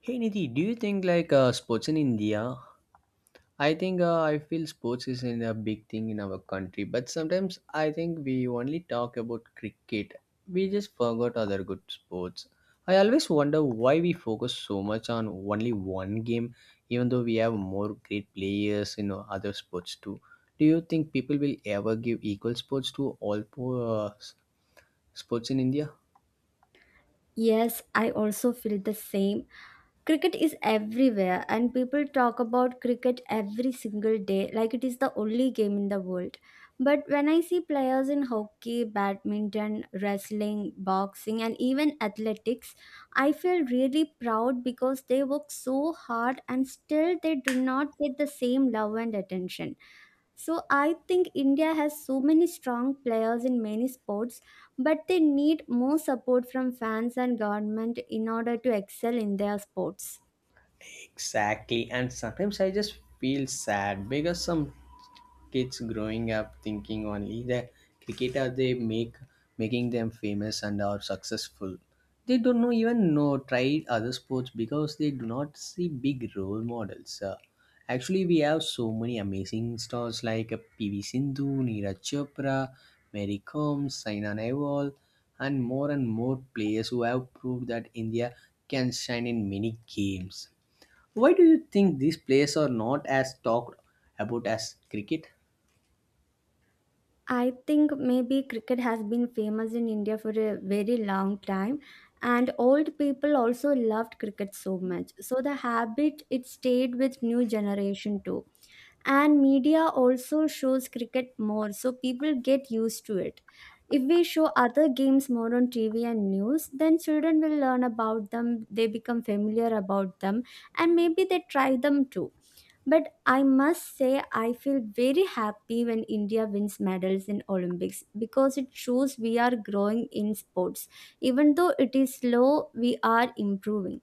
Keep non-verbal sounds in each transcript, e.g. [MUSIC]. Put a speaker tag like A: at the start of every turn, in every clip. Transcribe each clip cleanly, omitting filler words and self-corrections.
A: Hey Nidhi, do you think like sports in India? I think I feel sports is in a big thing in our country, but sometimes I think we only talk about cricket. We just forgot other good sports. I always wonder why we focus so much on only one game, even though we have more great players in other sports too. Do you think people will ever give equal sports to all four sports in India?
B: Yes, I also feel the same. Cricket is everywhere, and people talk about cricket every single day like it is the only game in the world. But when I see players in hockey, badminton, wrestling, boxing, and even athletics, I feel really proud because they work so hard and still they do not get the same love and attention. So I think India has so many strong players in many sports, but they need more support from fans and government in order to excel in their sports.
A: Exactly. And sometimes I just feel sad because some kids growing up thinking only that cricket are they make making them famous and are successful. They don't know even know try other sports because they do not see big role models. Actually, we have so many amazing stars like PV Sindhu, Neeraj Chopra, Mary Combs, Saina Nehwal, and more players who have proved that India can shine in many games. Why do you think these players are not as talked about as cricket?
B: I think maybe cricket has been famous in India for a very long time, and old people also loved cricket so much. So the habit it stayed with new generation too. And media also shows cricket more so people get used to it. If we show other games more on TV and news then children will learn about them, they become familiar about them and maybe they try them too. But I must say I feel very happy when India wins medals in Olympics because it shows we are growing in sports. Even though it is slow, we are improving.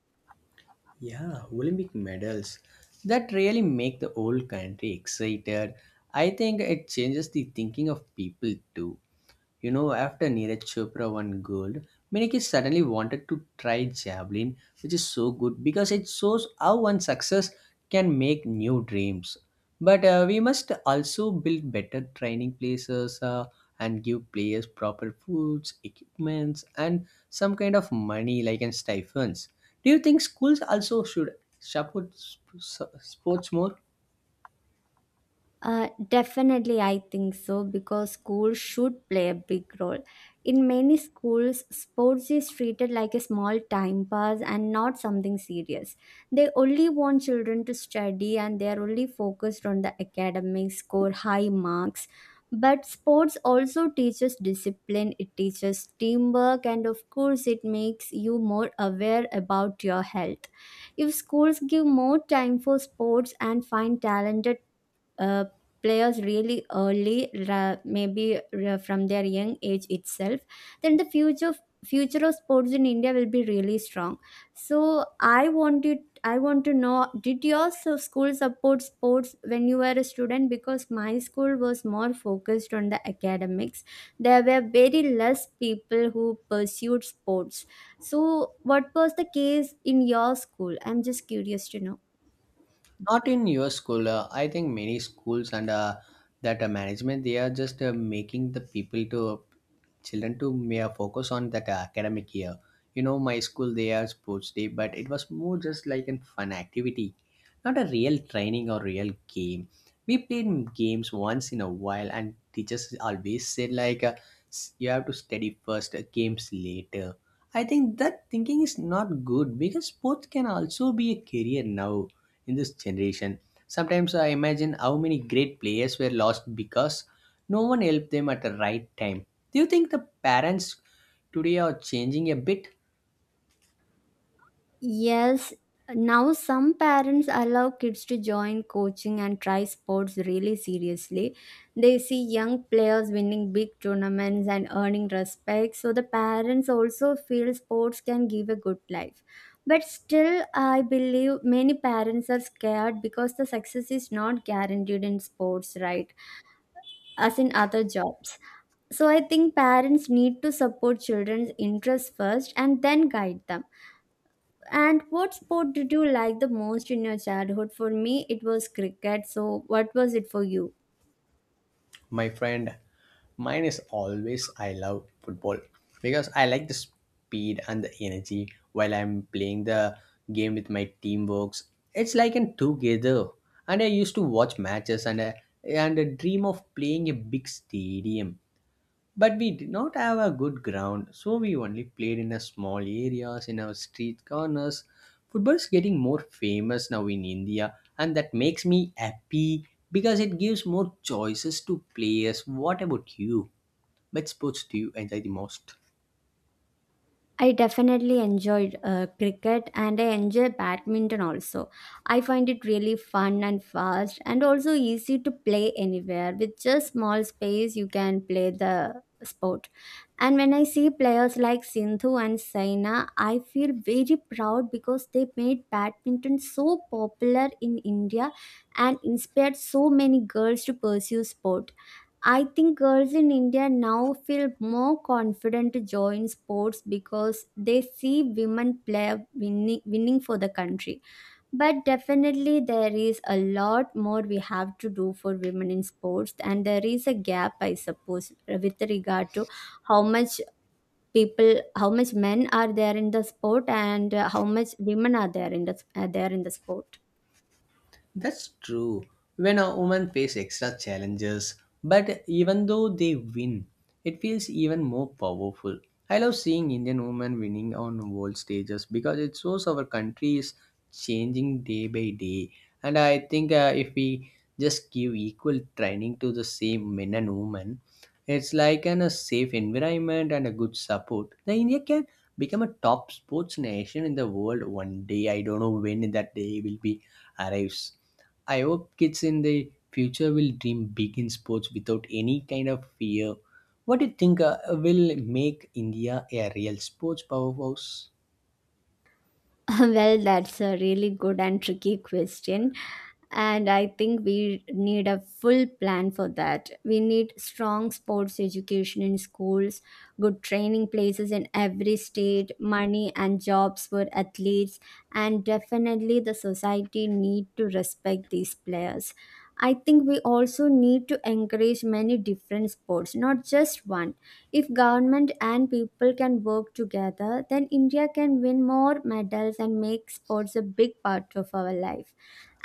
A: Yeah, Olympic medals. That really make the whole country excited. I think it changes the thinking of people too. You know, after Neeraj Chopra won gold, many kids suddenly wanted to try javelin, which is so good because it shows how one success can make new dreams. But we must also build better training places, and give players proper foods, equipments, and some kind of money, like in stipends. Do you think schools also should support sports more?
B: Definitely, I think so because schools should play a big role. In many schools, sports is treated like a small time pass and not something serious. They only want children to study and they are only focused on the academics, score high marks. But sports also teaches discipline, it teaches teamwork, and of course, it makes you more aware about your health. If schools give more time for sports and find talented uh, players really early, maybe from their young age itself, then the future of sports in India will be really strong. So I wanted. I want to know, did your school support sports when you were a student, because my school was more focused on the academics. There were very less people who pursued sports, so what was the case in your school? I'm just curious to know.
A: Not in your school. I think many schools and that management, they are just making the people to children to may focus on that academic year. You know, my school they are sports day, but it was more just like a fun activity, not a real training or real game. We played games once in a while, and teachers always said like, "You have to study first, games later." I think that thinking is not good because sports can also be a career now in this generation. Sometimes I imagine how many great players were lost because no one helped them at the right time. Do you think the parents today are changing a bit?
B: Yes, now some parents allow kids to join coaching and try sports really seriously. They see young players winning big tournaments and earning respect, so the parents also feel sports can give a good life. But still, I believe many parents are scared because the success is not guaranteed in sports, right? As in other jobs. So I think parents need to support children's interests first and then guide them. And what sport did you like the most in your childhood? For me, it was cricket. So, what was it for you?
A: My friend, mine is always I love football because I like the speed and the energy while I'm playing the game with my teamworks. It's like in together. And I used to watch matches and I dream of playing a big stadium. But we did not have a good ground, so we only played in a small areas in our street corners. Football is getting more famous now in India, and that makes me happy because it gives more choices to players. What about you? Which sports do you enjoy the most?
B: I definitely enjoyed cricket and I enjoy badminton also. I find it really fun and fast and also easy to play anywhere. With just small space, you can play the sport. And when I see players like Sindhu and Saina, I feel very proud because they made badminton so popular in India and inspired so many girls to pursue sport. I think girls in India now feel more confident to join sports because they see women play winning for the country. But definitely, there is a lot more we have to do for women in sports, and there is a gap, I suppose, with regard to how much people, how much men are there in the sport, and how much women are there in the are there in the sport.
A: That's true. When a woman face extra challenges, but even though they win, it feels even more powerful. I love seeing Indian women winning on world stages because it shows our country is changing day by day. And I think if we just give equal training to the same men and women, it's like in a safe environment and a good support. The India can become a top sports nation in the world one day. I don't know when that day will be arrives. I hope kids in the future will dream big in sports without any kind of fear. What do you think will make India a real sports powerhouse?
B: [LAUGHS] Well, that's a really good and tricky question. And I think we need a full plan for that. We need strong sports education in schools, good training places in every state, money and jobs for athletes, and definitely the society need to respect these players. I think we also need to encourage many different sports, not just one. If government and people can work together, then India can win more medals and make sports a big part of our life.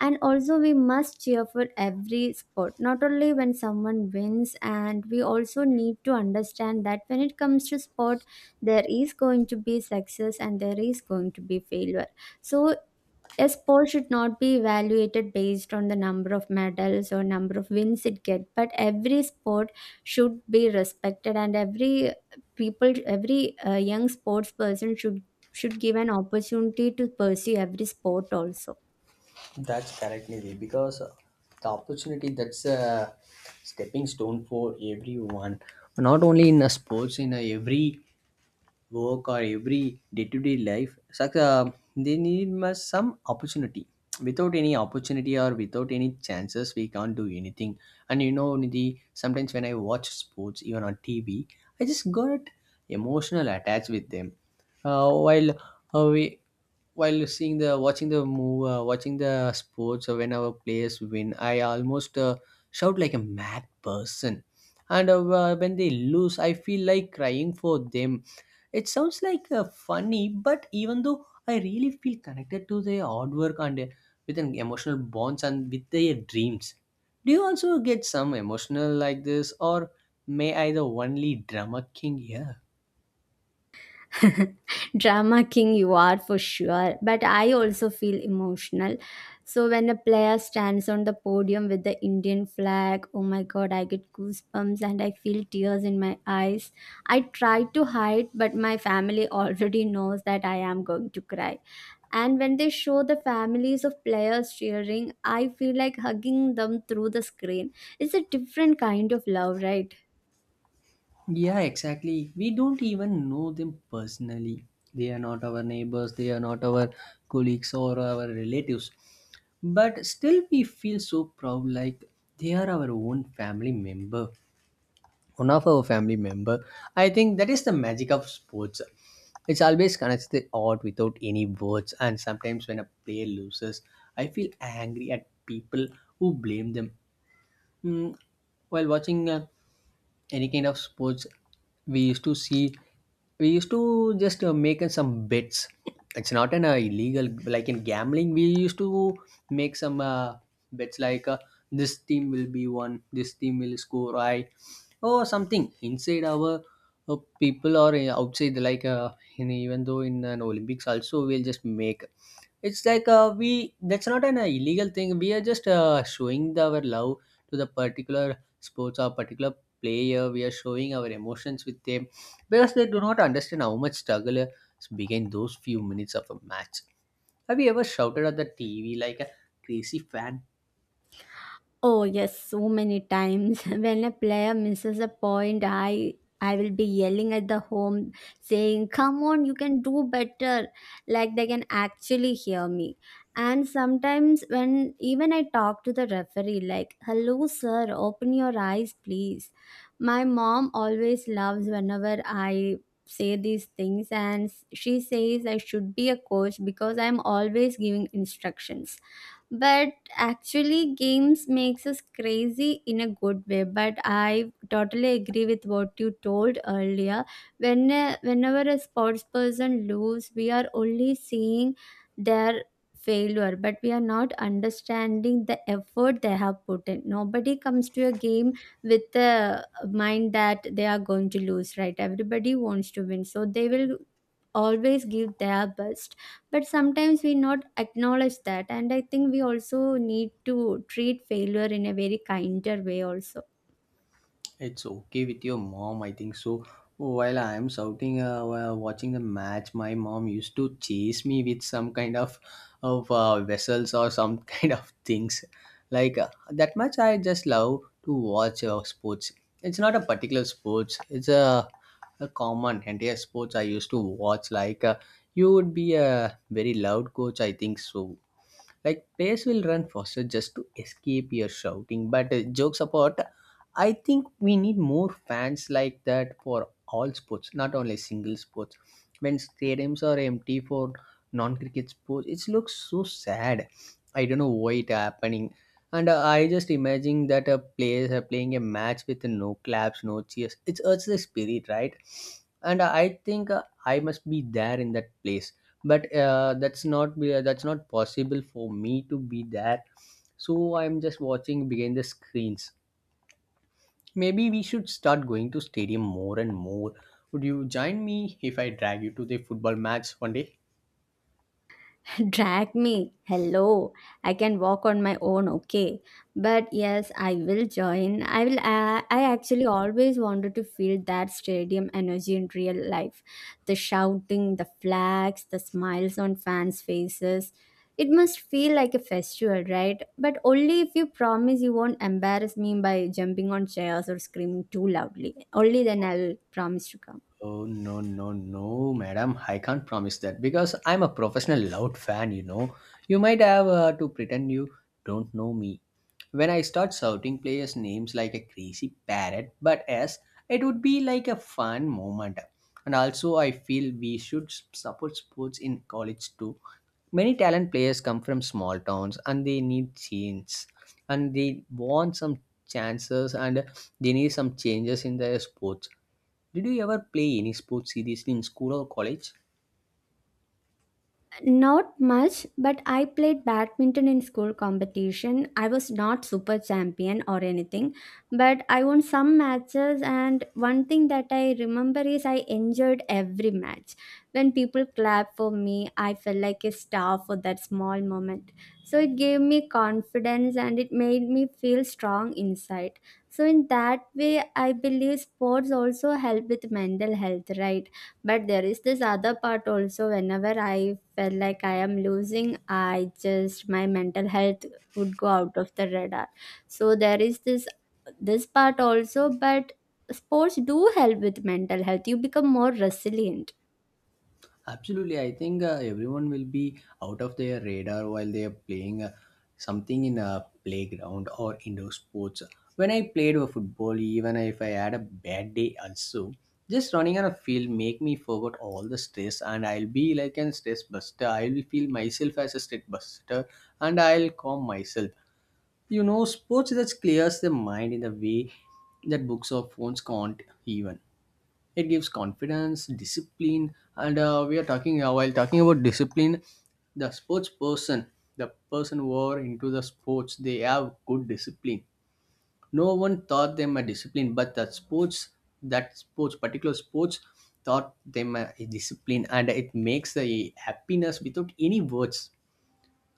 B: And also, we must cheer for every sport, not only when someone wins, and we also need to understand that when it comes to sport, there is going to be success and there is going to be failure. So, a sport should not be evaluated based on the number of medals or number of wins it get, but every sport should be respected, and every people, every young sports person should give an opportunity to pursue every sport also.
A: That's correct, Nidhi, because the opportunity that's a stepping stone for everyone. Not only in sports, in every work or every day-to-day life, they need must some opportunity without any opportunity or without any chances we can't do anything. And you know, Nidhi, sometimes when I watch sports even on TV, I just got emotional attached with them, uh, while uh, we while seeing the watching the move watching the sports, when our players win, I almost shout like a mad person. And when they lose, I feel like crying for them. It sounds like funny, but even though I really feel connected to their hard work and with an emotional bonds and with their dreams. Do you also get some emotional like this, or may I the only drama king here?
B: [LAUGHS] Drama king you are for sure, but I also feel emotional. So when a player stands on the podium with the Indian flag, oh my god, I get goosebumps and I feel tears in my eyes. I try to hide but my family [LAUGHS] already knows that I am going to cry. And when they show the families of players cheering, I feel like hugging them through the screen. It's a different kind of love, right?
A: Yeah, exactly. We don't even know them personally. They are not our neighbors, they are not our colleagues or our relatives. But still, we feel so proud like they are our own family member. One of our family member. I think that is the magic of sports. It's always connects the art without any words, and sometimes when a player loses, I feel angry at people who blame them. Hmm, while watching a any kind of sports, we used to see we used to just make some bets. It's not an illegal like in gambling, we used to make some bets like this team will score I or something inside our people or outside like even though in an Olympics also we'll just make. It's like we that's not an illegal thing. We are just showing our love to the particular sports or particular player. We are showing our emotions with them because they do not understand how much struggle is behind those few minutes of a match. Have you ever shouted at the TV like a crazy fan?
B: Oh yes, so many times. [LAUGHS] When a player misses a point, I will be yelling at the home saying, "Come on, you can do better." Like they can actually hear me. And sometimes when even I talk to the referee like, "Hello sir, open your eyes, please." My mom always loves whenever I say these things, and she says I should be a coach because I'm always giving instructions. But actually games makes us crazy in a good way. But I totally agree with what you told earlier. When whenever a sports person lose, we are only seeing their failure, but we are not understanding the effort they have put in. Nobody comes to a game with the mind that they are going to lose, right? Everybody wants to win, so they will always give their best. But sometimes we not acknowledge that, and I think we also need to treat failure in a very kinder way also.
A: It's okay with your mom, I think so. While I am shouting, while watching the match, my mom used to chase me with some kind of vessels or some [LAUGHS] kind of things. Like that much, I just love to watch sports. It's not a particular sports. It's a common entire sports I used to watch. Like you would be a very loud coach, I think so. Like players will run faster just to escape your shouting. But jokes apart, I think we need more fans like that for all sports, not only single sports. When stadiums are empty for non-cricket sports, it looks so sad. I don't know why it happening. And I just imagine that players are playing a match with no claps, no cheers. It hurts the spirit, right? And I think I must be there in that place, but that's not possible for me to be there. So I'm just watching behind the screens. Maybe we should start going to stadium more and more. Would you join me if I drag you to the football match one day?
B: [LAUGHS] Drag me. Hello. I can walk on my own, okay. But yes, I will join. I will I actually always wanted to feel that stadium energy in real life. The shouting, the flags, the smiles on fans' faces. It must feel like a festival, right? But only if you promise you won't embarrass me by jumping on chairs or screaming too loudly. Only then I'll promise to come.
A: Oh no no no, madam! I can't promise that because I'm a professional loud fan. You know, you might have to pretend you don't know me when I start shouting players' names like a crazy parrot, but as it would be like a fun moment. And also, I feel we should support sports in college too. Many talent players come from small towns and they need change, and they want some chances and they need some changes in their sports. Did you ever play any sport seriously in school or college?
B: Not much, but I played badminton in school competition. I was not super champion or anything, but I won some matches and one thing that I remember is I enjoyed every match. When people clap for me, I felt like a star for that small moment. So it gave me confidence and it made me feel strong inside. So in that way, I believe sports also help with mental health, right? But there is this other part also, whenever I felt like I am losing, I just my mental health would go out of the radar. So there is this part also, but sports do help with mental health. You become more resilient.
A: Absolutely, I think everyone will be out of their radar while they are playing something in a playground or indoor sports. When I played football, even if I had a bad day, also just running on a field make me forget all the stress, and I'll be like an stress buster. I'll feel myself as a stress buster, and I'll calm myself. You know, sports that clears the mind in the way that books or phones can't even. It gives confidence, discipline, and we are talking while talking about discipline. The sports person, the person who are into the sports, they have good discipline. No one taught them a discipline, but the sports, that sports, particular sports, taught them a discipline, and it makes the happiness without any words.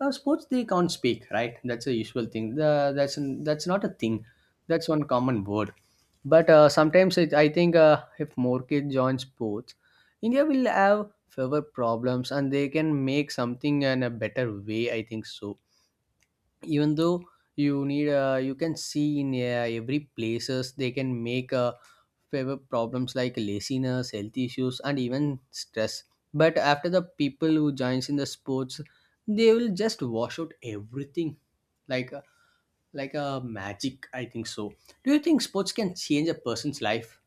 A: Sports they can't speak, right? That's a usual thing, that's not a thing, that's one common word. But sometimes I think if more kids join sports, India will have fewer problems and they can make something in a better way, I think so. Even though you can see in every places, they can make favor problems like laziness, health issues, and even stress. But after the people who joins in the sports, they will just wash out everything like a, like a magic, I think so. Do you think sports can change a person's life?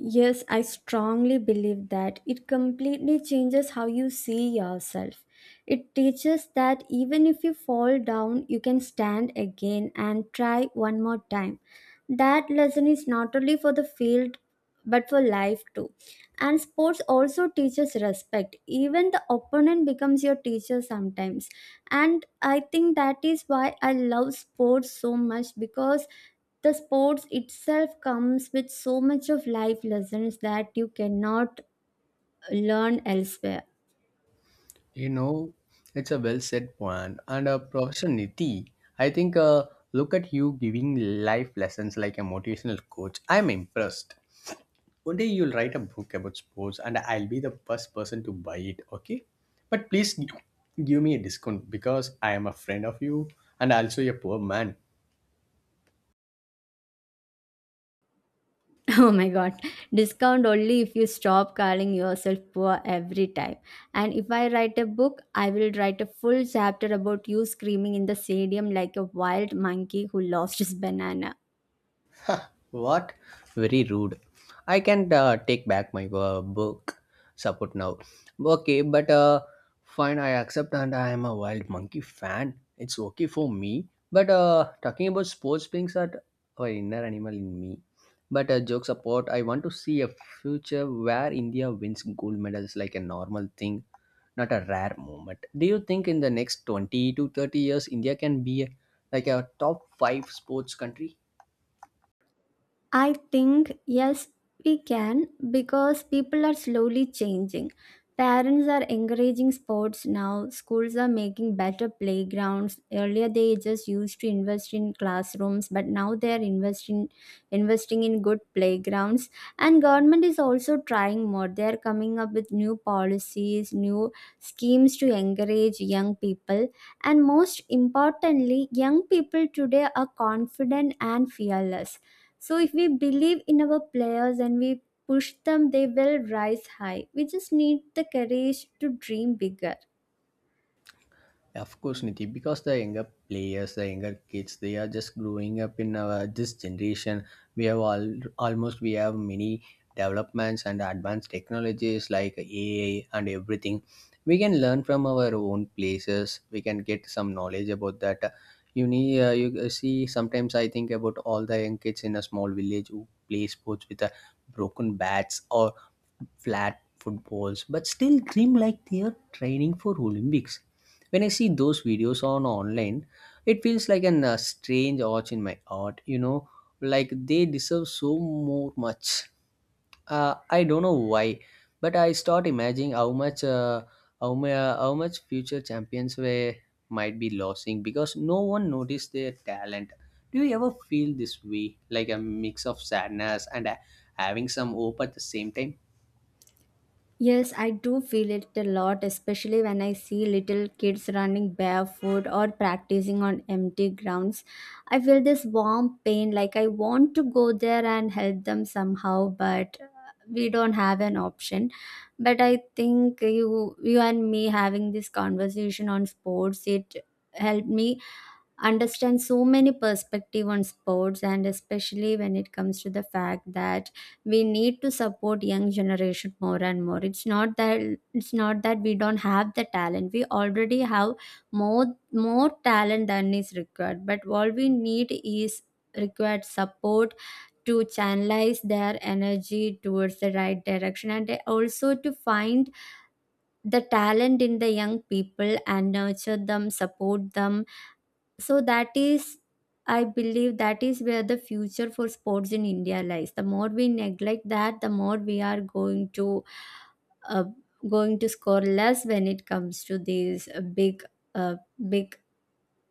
B: Yes, I strongly believe that it completely changes how you see yourself. It teaches that even if you fall down, you can stand again and try one more time. That lesson is not only for the field but for life too. And sports also teaches respect. Even the opponent becomes your teacher sometimes. And I think that is why I love sports so much, because the sports itself comes with so much of life lessons that you cannot learn elsewhere.
A: You know, it's a well said point. And a Professor Niti, I think look at you giving life lessons like a motivational coach. I'm impressed. One day you'll write a book about sports, and I'll be the first person to buy it, okay? But please give me a discount because I am a friend of you and also a poor man.
B: [LAUGHS] Oh my god, discount only if you stop calling yourself poor every time. And if I write a book, I will write a full chapter about you screaming in the stadium like a wild monkey who lost his banana.
A: Ha, what? Very rude. I can take back my book support now. Okay, but fine, I accept, and I am a Wild Monkey fan. It's okay for me. But talking about sports brings out our inner animal in me. But jokes apart, I want to see a future where India wins gold medals like a normal thing, not a rare moment. Do you think in the next 20 to 30 years, India can be like a top 5 sports country?
B: I think yes, we can, because people are slowly changing. Parents are encouraging sports now, schools are making better playgrounds. Earlier they just used to invest in classrooms, but now they are investing in good playgrounds. And government is also trying more. They are coming up with new policies, new schemes to encourage young people. And most importantly, young people today are confident and fearless, so if we believe in our players and we push them, they will rise high. We just need the courage to dream bigger.
A: Of course, Niti, because the younger players, the younger kids, they are just growing up in our this generation. We have all we have many developments and advanced technologies like AI and everything. We can learn from our own places. We can get some knowledge about that. You see sometimes I think about all the young kids in a small village who play sports with broken bats or flat footballs, but still dream like they are training for Olympics when I see those videos on online. It feels like an strange arch in my heart. You know, like they deserve so more much. I don't know why, but I start imagining how much future champions were might be losing because no one noticed their talent. Do you ever feel this way, like a mix of sadness and having some hope at the same time?
B: Yes, I do feel it a lot, especially when I see little kids running barefoot or practicing on empty grounds. I feel this warm pain, like I want to go there and help them somehow, but we don't have an option. But I think you and me having this conversation on sports, it helped me understand so many perspective on sports, and especially when it comes to the fact that we need to support young generation more and more. It's not that we don't have the talent. We already have more more talent than is required, but all we need is required support to channelize their energy towards the right direction, and also to find the talent in the young people and nurture them, support them. So that is, I believe that is where the future for sports in India lies. The more we neglect that, the more we are going to uh, going to score less when it comes to these uh, big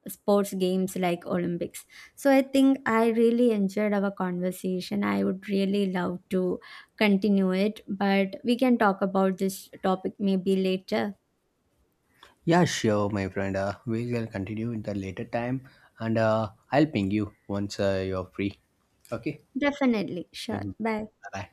B: sports games like Olympics. So I think I really enjoyed our conversation. I would really love to continue it, but we can talk about this topic maybe later.
A: Yeah, sure, my friend. We will continue in the later time, and I'll ping you once you're free. Okay.
B: Definitely.
A: Bye
B: Sure. Bye.
A: bye.